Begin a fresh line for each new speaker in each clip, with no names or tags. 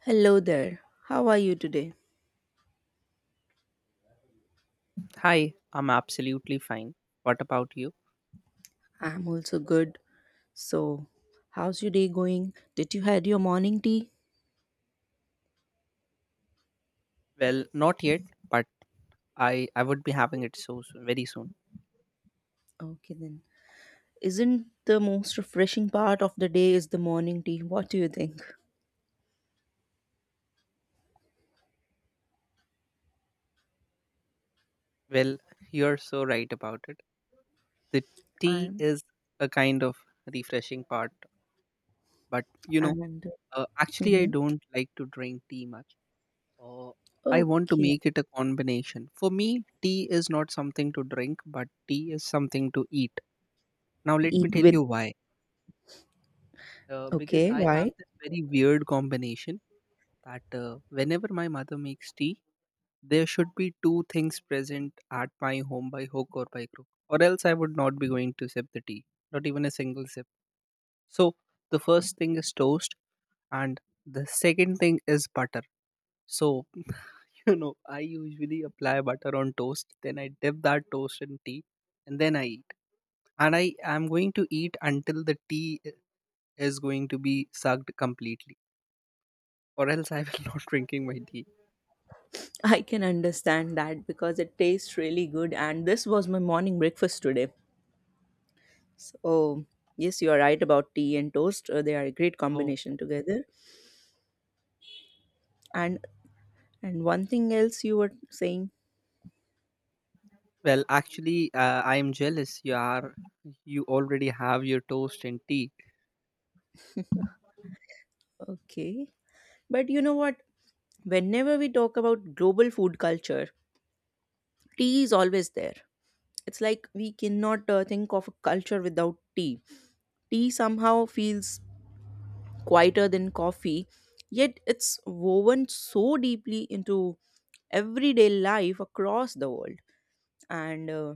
Hello there. How are you today?
Hi, I'm absolutely fine. What about you?
I'm also good. So, how's your day going? Did you had your morning tea?
Well, not yet, but I would be having it so soon, very soon.
Okay then. Isn't the most refreshing part of the day is the morning tea? What do you think?
Well, you're so right about it. The tea
I'm
is a kind of refreshing part, but
and
actually, I
mhm.
don't like to drink tea much. Uh, I want to
Okay.
make it a combination. For me, tea is not something to drink, but tea is something to eat. Now, let me
Eat
tell
with
you why. Because
okay.
I have
Why?
this very weird combination that whenever my mother makes tea, there should be two things present at my home by hook or by crook, or else I would not be going to sip the tea, not even a single sip. So the first thing is toast, and the second thing is butter. So I usually apply butter on toast, then I dip that toast in tea, and then I eat. And I am going to eat until is going to be sucked completely, or else I will not drinking my tea.
I can understand that because it tastes really good, and this was my morning breakfast today. So yes, you are right about tea and toast. They are a great
So,
combination together. And And one thing else you were saying,
well, actually, I am jealous. You already have your toast and tea.
okay. But you know what? Whenever we talk about global food culture, tea is always there. It's like we cannot think of a culture without tea. Tea somehow feels quieter than coffee, yet it's woven so deeply into everyday life across the world. And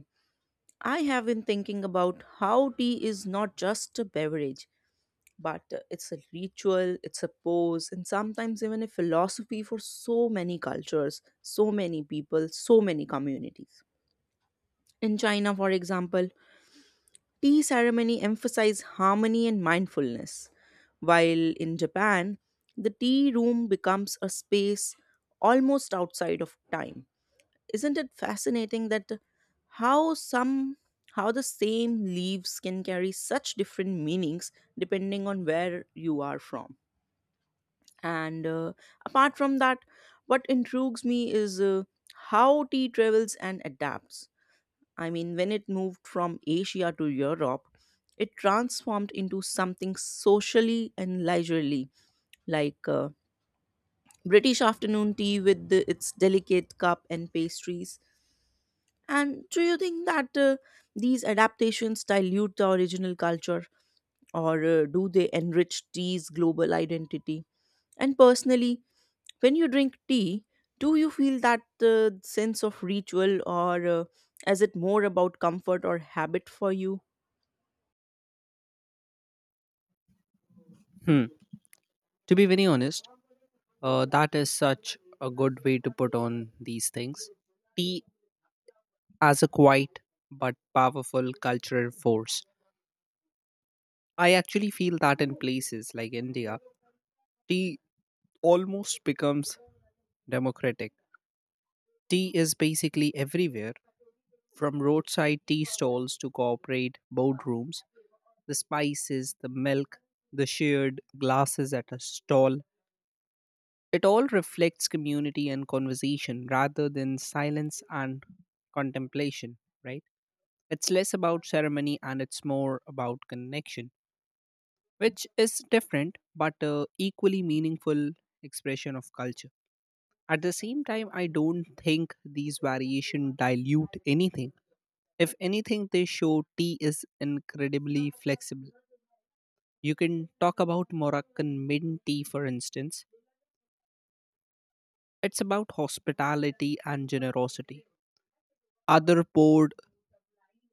I have been thinking about how tea is not just a beverage, but it's a ritual, it's a pose, and sometimes even a philosophy for so many cultures, so many people, so many communities. In China, for example, tea ceremony emphasizes harmony and mindfulness, while in Japan, the tea room becomes a space almost outside of time. Isn't it fascinating that how some how the same leaves can carry such different meanings depending on where you are from? And apart from that, what intrigues me is how tea travels and adapts. I mean, when it moved from Asia to Europe, it transformed into something socially and leisurely, like British afternoon tea with its delicate cup and pastries. And do you think that these adaptations dilute the original culture, or do they enrich tea's global identity? And personally, when you drink tea, do you feel that sense of ritual, or is it more about comfort or habit for you?
Hmm. To be very honest, that is such a good way to put on these things. Tea as a quiet but powerful cultural force. I actually feel that in places like India, tea almost becomes democratic. Tea is basically everywhere, from roadside tea stalls to corporate boardrooms. The spices, the milk, the shared glasses at a stall. It all reflects community and conversation rather than silence and contemplation, right? It's less about ceremony and it's more about connection, which is different but equally meaningful expression of culture. At the same time, I don't think these variation dilute anything. If anything, they show tea is incredibly flexible. You can talk about Moroccan mint tea, for instance. It's about hospitality and generosity. Other poured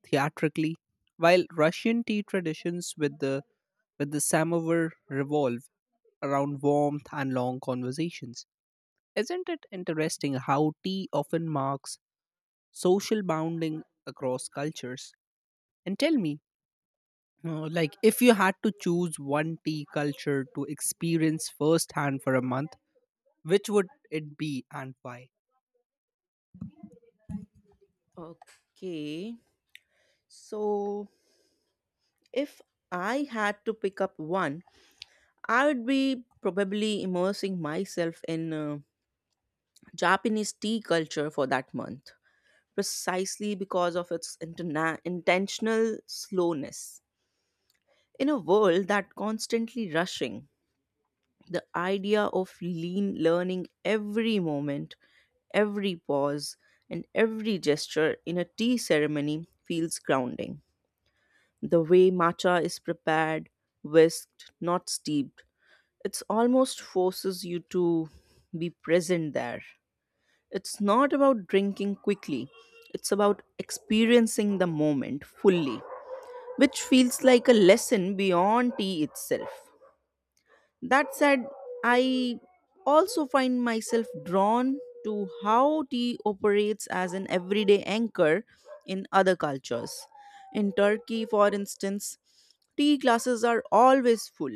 theatrically, while Russian tea traditions with the samovar revolve around warmth and long conversations. Isn't it interesting how tea often marks social bounding across cultures? And tell me, like, if you had to choose one tea culture to experience firsthand for a month, which would it be and why?
Okay. So, if I had to pick up one, I would be probably immersing myself in Japanese tea culture for that month, precisely because of its intentional slowness. In a world that constantly rushing, the idea of lean learning every moment, every pause, and every gesture in a tea ceremony feels grounding. The way matcha is prepared, whisked, not steeped, it almost forces you to be present there. It's not about drinking quickly, it's about experiencing the moment fully, which feels like a lesson beyond tea itself. That said, I also find myself drawn to how tea operates as an everyday anchor in other cultures. In Turkey, for instance, tea glasses are always full,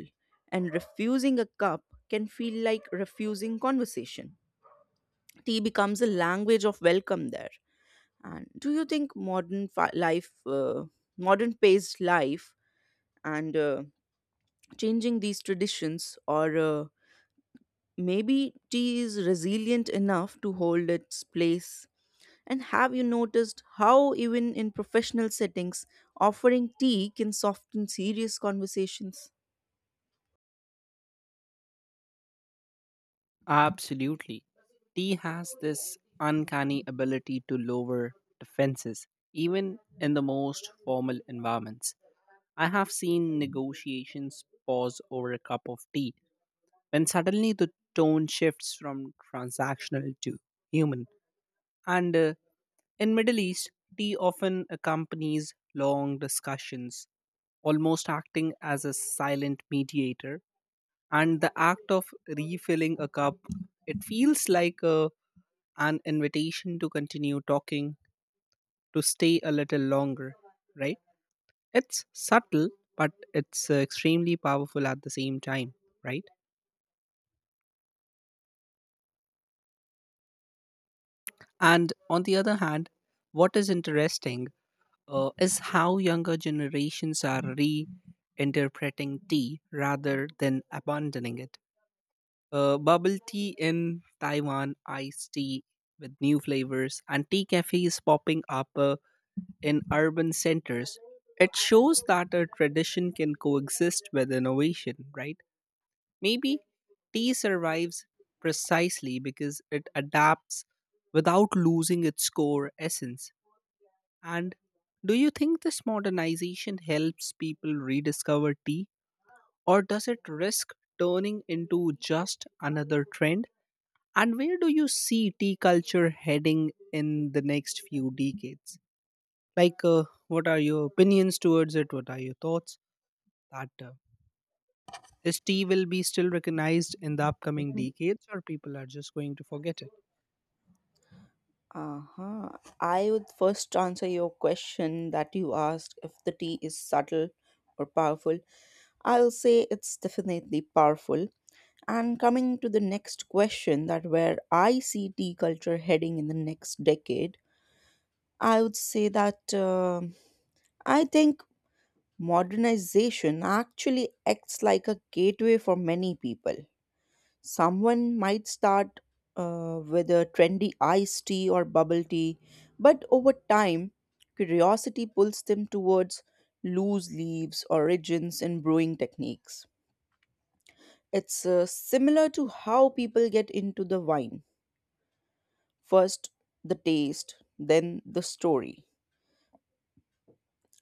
and refusing a cup can feel like refusing conversation. Tea becomes a language of welcome there. And do you think modern life, modern paced life, and changing these traditions, or maybe tea is resilient enough to hold its place. And have you noticed how, even in professional settings, offering tea can soften serious conversations?
Absolutely. Tea has this uncanny ability to lower defenses, even in the most formal environments. I have seen negotiations pause over a cup of tea when suddenly the tone shifts from transactional to human. And in Middle East, tea often accompanies long discussions, almost acting as a silent mediator, and the act of refilling a cup, it feels like an invitation to continue talking, to stay a little longer, right? It's subtle, but it's extremely powerful at the same time, right? And on the other hand, what is interesting is how younger generations are reinterpreting tea rather than abandoning it. Bubble tea in Taiwan, iced tea with new flavors, and tea cafes popping up in urban centers. It shows that a tradition can coexist with innovation, right? Maybe tea survives precisely because it adapts without losing its core essence. And do you think this modernization helps people rediscover tea, or does it risk turning into just another trend? And where do you see tea culture heading in the next few decades? Like, what are your opinions towards it? What are your thoughts? That Is tea will be still recognized in the upcoming
Mhm.
decades, or people are just going to forget it?
Uh-huh. I would first answer your question that you asked if the tea is subtle or powerful. I'll say it's definitely powerful. And coming to the next question that where I see tea culture heading in the next decade, I would say that I think modernization actually acts like a gateway for many people. Someone might start with a trendy iced tea or bubble tea, but over time, curiosity pulls them towards loose leaves, origins, and brewing techniques. It's similar to how people get into the wine first, the taste, then the story.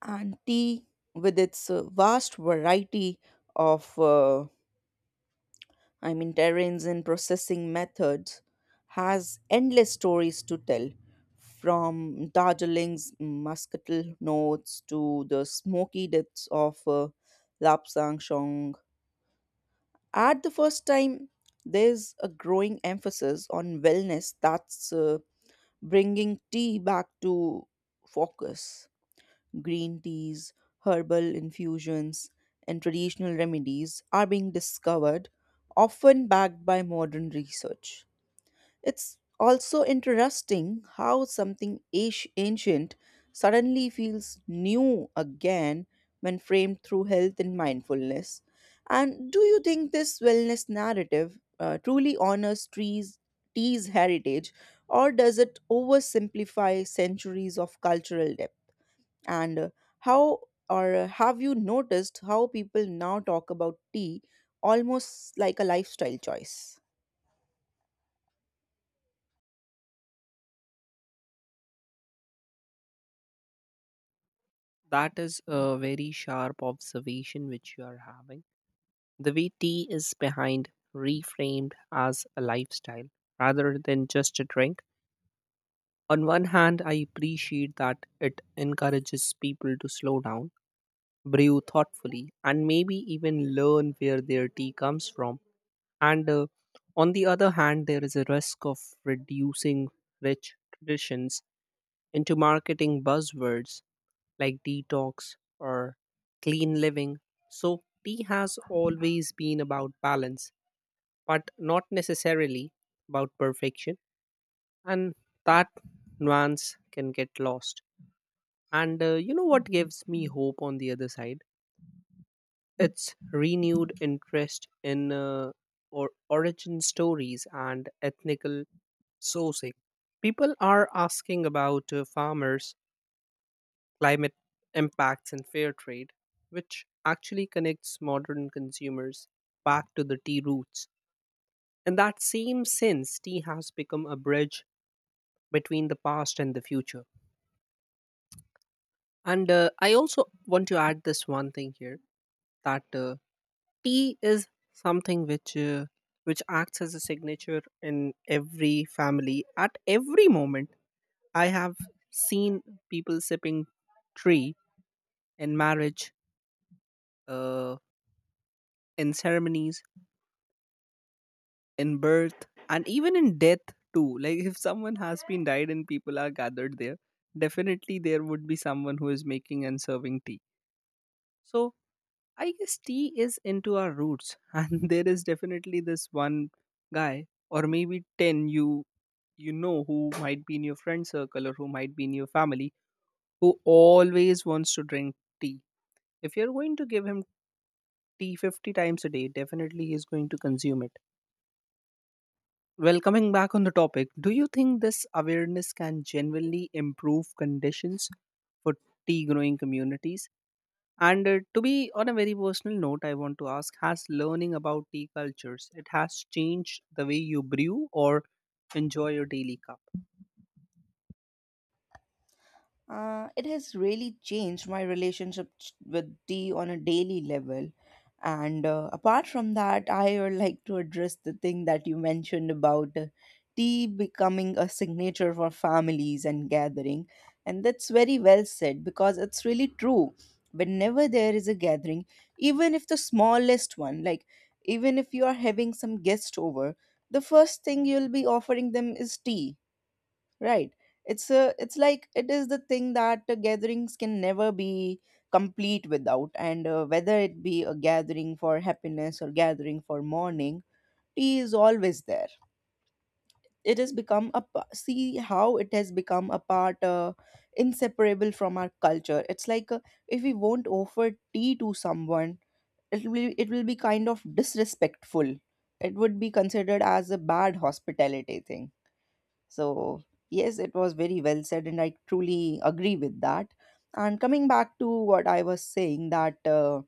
And tea, with its vast variety of I mean, terrains and processing methods, has endless stories to tell, from Darjeeling's muscatel notes to the smoky depths of Lapsang Shong. At the first time, there's a growing emphasis on wellness that's bringing tea back to focus: green teas, herbal infusions, and traditional remedies are being discovered, often backed by modern research. It's also interesting how something ancient suddenly feels new again when framed through health and mindfulness. And do you think this wellness narrative truly honors trees, tea's heritage, or does it oversimplify centuries of cultural depth? And how, or have you noticed how people now talk about tea almost like a lifestyle choice?
That is a very sharp observation which you are having. The way tea is behind reframed as a lifestyle rather than just a drink. On one hand, I appreciate that it encourages people to slow down, brew thoughtfully, and maybe even learn where their tea comes from. And on the other hand, there is a risk of reducing rich traditions into marketing buzzwords like detox or clean living. So, tea has always been about balance, but not necessarily about perfection. And that nuance can get lost. And you know what gives me hope on the other side? Its renewed interest in or origin stories and ethnical sourcing. People are asking about farmers, climate impacts, and fair trade, which actually connects modern consumers back to the tea roots. In that same sense, tea has become a bridge between the past and the future. And I also want to add this one thing here that tea is something which acts as a signature in every family, at every moment. I have seen people sipping tea in marriage, uh, in ceremonies, in birth, and even in death too. Like if someone has been died and people are gathered there, definitely there would be someone who is making and serving tea. So I guess tea is into our roots and there is definitely this one guy, or maybe 10. You know who might be in your friend circle or who might be in your family, who always wants to drink tea. If you're going to give him tea 50 times a day, definitely he's going to consume it. Well, coming back on the topic, do you think this awareness can genuinely improve conditions for tea growing communities? And to be on a very personal note, I want to ask, has learning about tea cultures, it has changed the way you brew or enjoy your daily cup?
It has really changed my relationship with tea on a daily level. And apart from that, I would like to address the thing that you mentioned about tea becoming a signature for families and gathering. And that's very well said because it's really true. Whenever there is a gathering, even if the smallest one, like even if you are having some guest over, the first thing you'll be offering them is tea. Right. It's like it is the thing that gatherings can never be complete without. And whether it be a gathering for happiness or gathering for mourning, tea is always there. It has become a see how it has become a part inseparable from our culture. It's like if we won't offer tea to someone, it will be kind of disrespectful. It would be considered as a bad hospitality thing. So, yes, it was very well said, and I truly agree with that. And coming back to what I was saying, that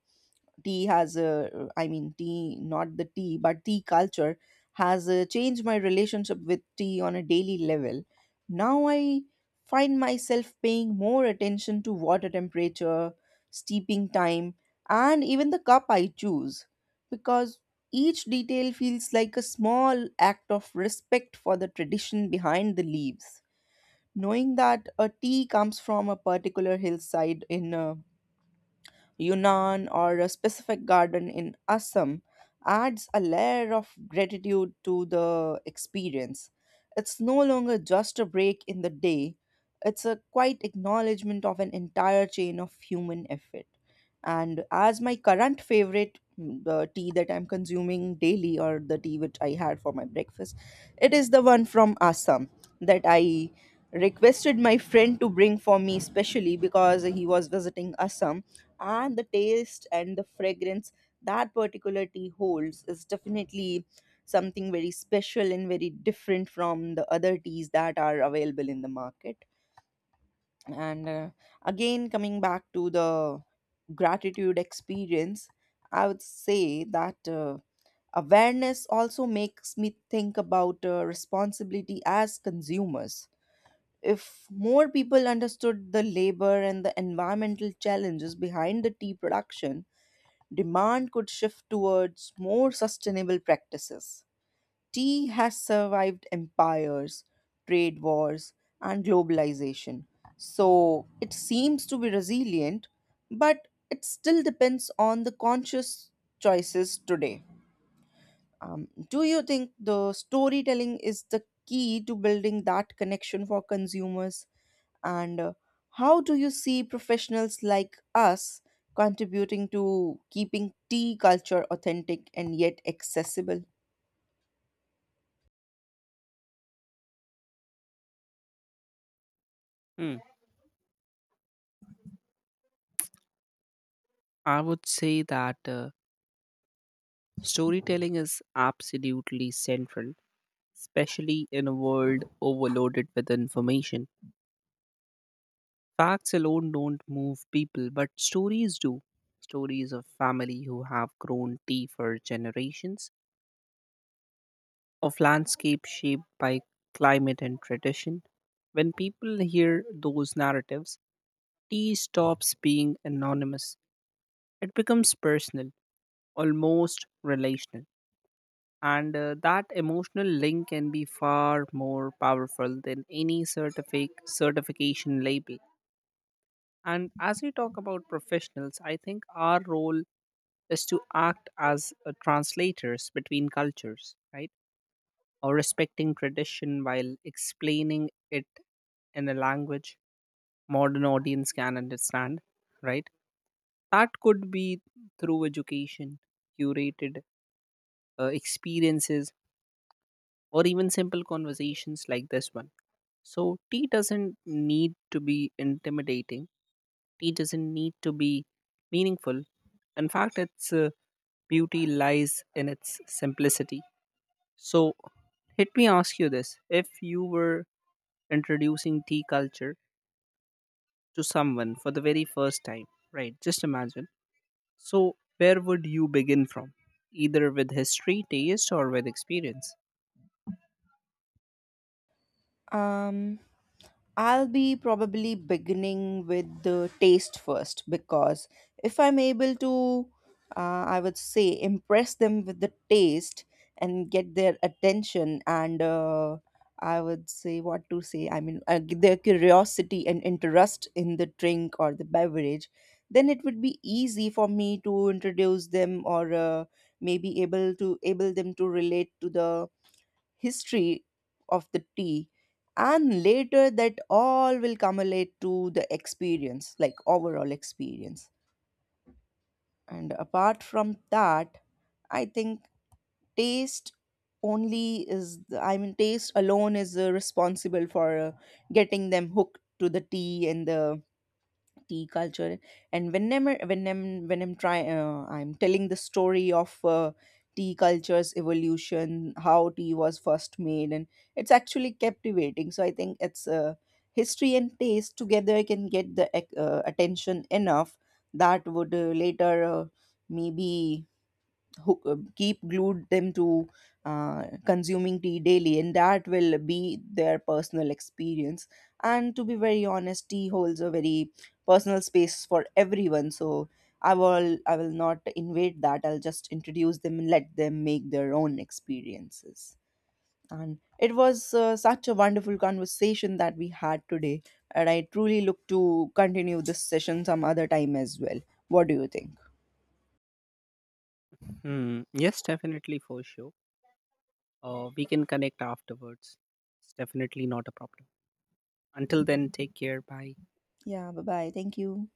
tea has I mean, tea not the tea but tea culture has changed my relationship with tea on a daily level. Now I find myself paying more attention to water temperature, steeping time, and even the cup I choose, because each detail feels like a small act of respect for the tradition behind the leaves. Knowing that a tea comes from a particular hillside in Yunnan, or a specific garden in Assam, adds a layer of gratitude to the experience. It's no longer just a break in the day, it's a quiet acknowledgement of an entire chain of human effort. And as my current favorite, mm, the tea that I'm consuming daily, or the tea which I had for my breakfast, it is the one from Assam that I requested my friend to bring for me specially because he was visiting Assam. And the taste and the fragrance that particular tea holds is definitely something very special and very different from the other teas that are available in the market. And again, coming back to the gratitude experience, I would say that awareness also makes me think about responsibility as consumers. If more people understood the labor and the environmental challenges behind the tea production, demand could shift towards more sustainable practices. Tea has survived empires, trade wars, and globalization, so it seems to be resilient, but it still depends on the conscious choices today. Do you think the storytelling is the key to building that connection for consumers? And how do you see professionals like us contributing to keeping tea culture authentic and yet accessible?
Hmm. I would say that storytelling is absolutely central, especially in a world overloaded with information. Facts alone don't move people, but stories do. Stories of family who have grown tea for generations, of landscape shaped by climate and tradition. When people hear those narratives, tea stops being anonymous. It becomes personal, almost relational. And that emotional link can be far more powerful than any certification label. And as we talk about professionals, I think our role is to act as translators between cultures, right? Or respecting tradition while explaining it in a language modern audience can understand, right? That could be through education, curated experiences, or even simple conversations like this one. So tea doesn't need to be intimidating, tea doesn't need to be meaningful. In fact, its beauty lies in its simplicity. So let me ask you this, if you were introducing tea culture to someone for the very first time, right? Just imagine. So, where would you begin from? Either with history, taste, or with experience?
Um, I'll be probably beginning with the taste first, because if I'm able to, I would say, impress them with the taste and get their attention, and I would say, what to say, I mean, their curiosity and interest in the drink or the beverage, then it would be easy for me to introduce them, or maybe able to able them to relate to the history of the tea, and later that all will accumulate to the experience, like overall experience. And apart from that, I think taste only is the, I mean, taste alone is responsible for getting them hooked to the tea and the tea culture. And whenever when I'm trying, I'm telling the story of tea culture's evolution, how tea was first made, and it's actually captivating. So I think it's history and taste together can get the attention enough that would later maybe keep glued them to consuming tea daily, and that will be their personal experience. And to be very honest, tea holds a very personal space for everyone, so I will not invade that. I'll just introduce them and let them make their own experiences. And it was such a wonderful conversation that we had today, and I truly look to continue this session some other time as well. What do you think?
Hmm. Yes, definitely for sure. We can connect afterwards. It's definitely not a problem. Until then, take care. Bye.
Yeah, bye bye, thank you.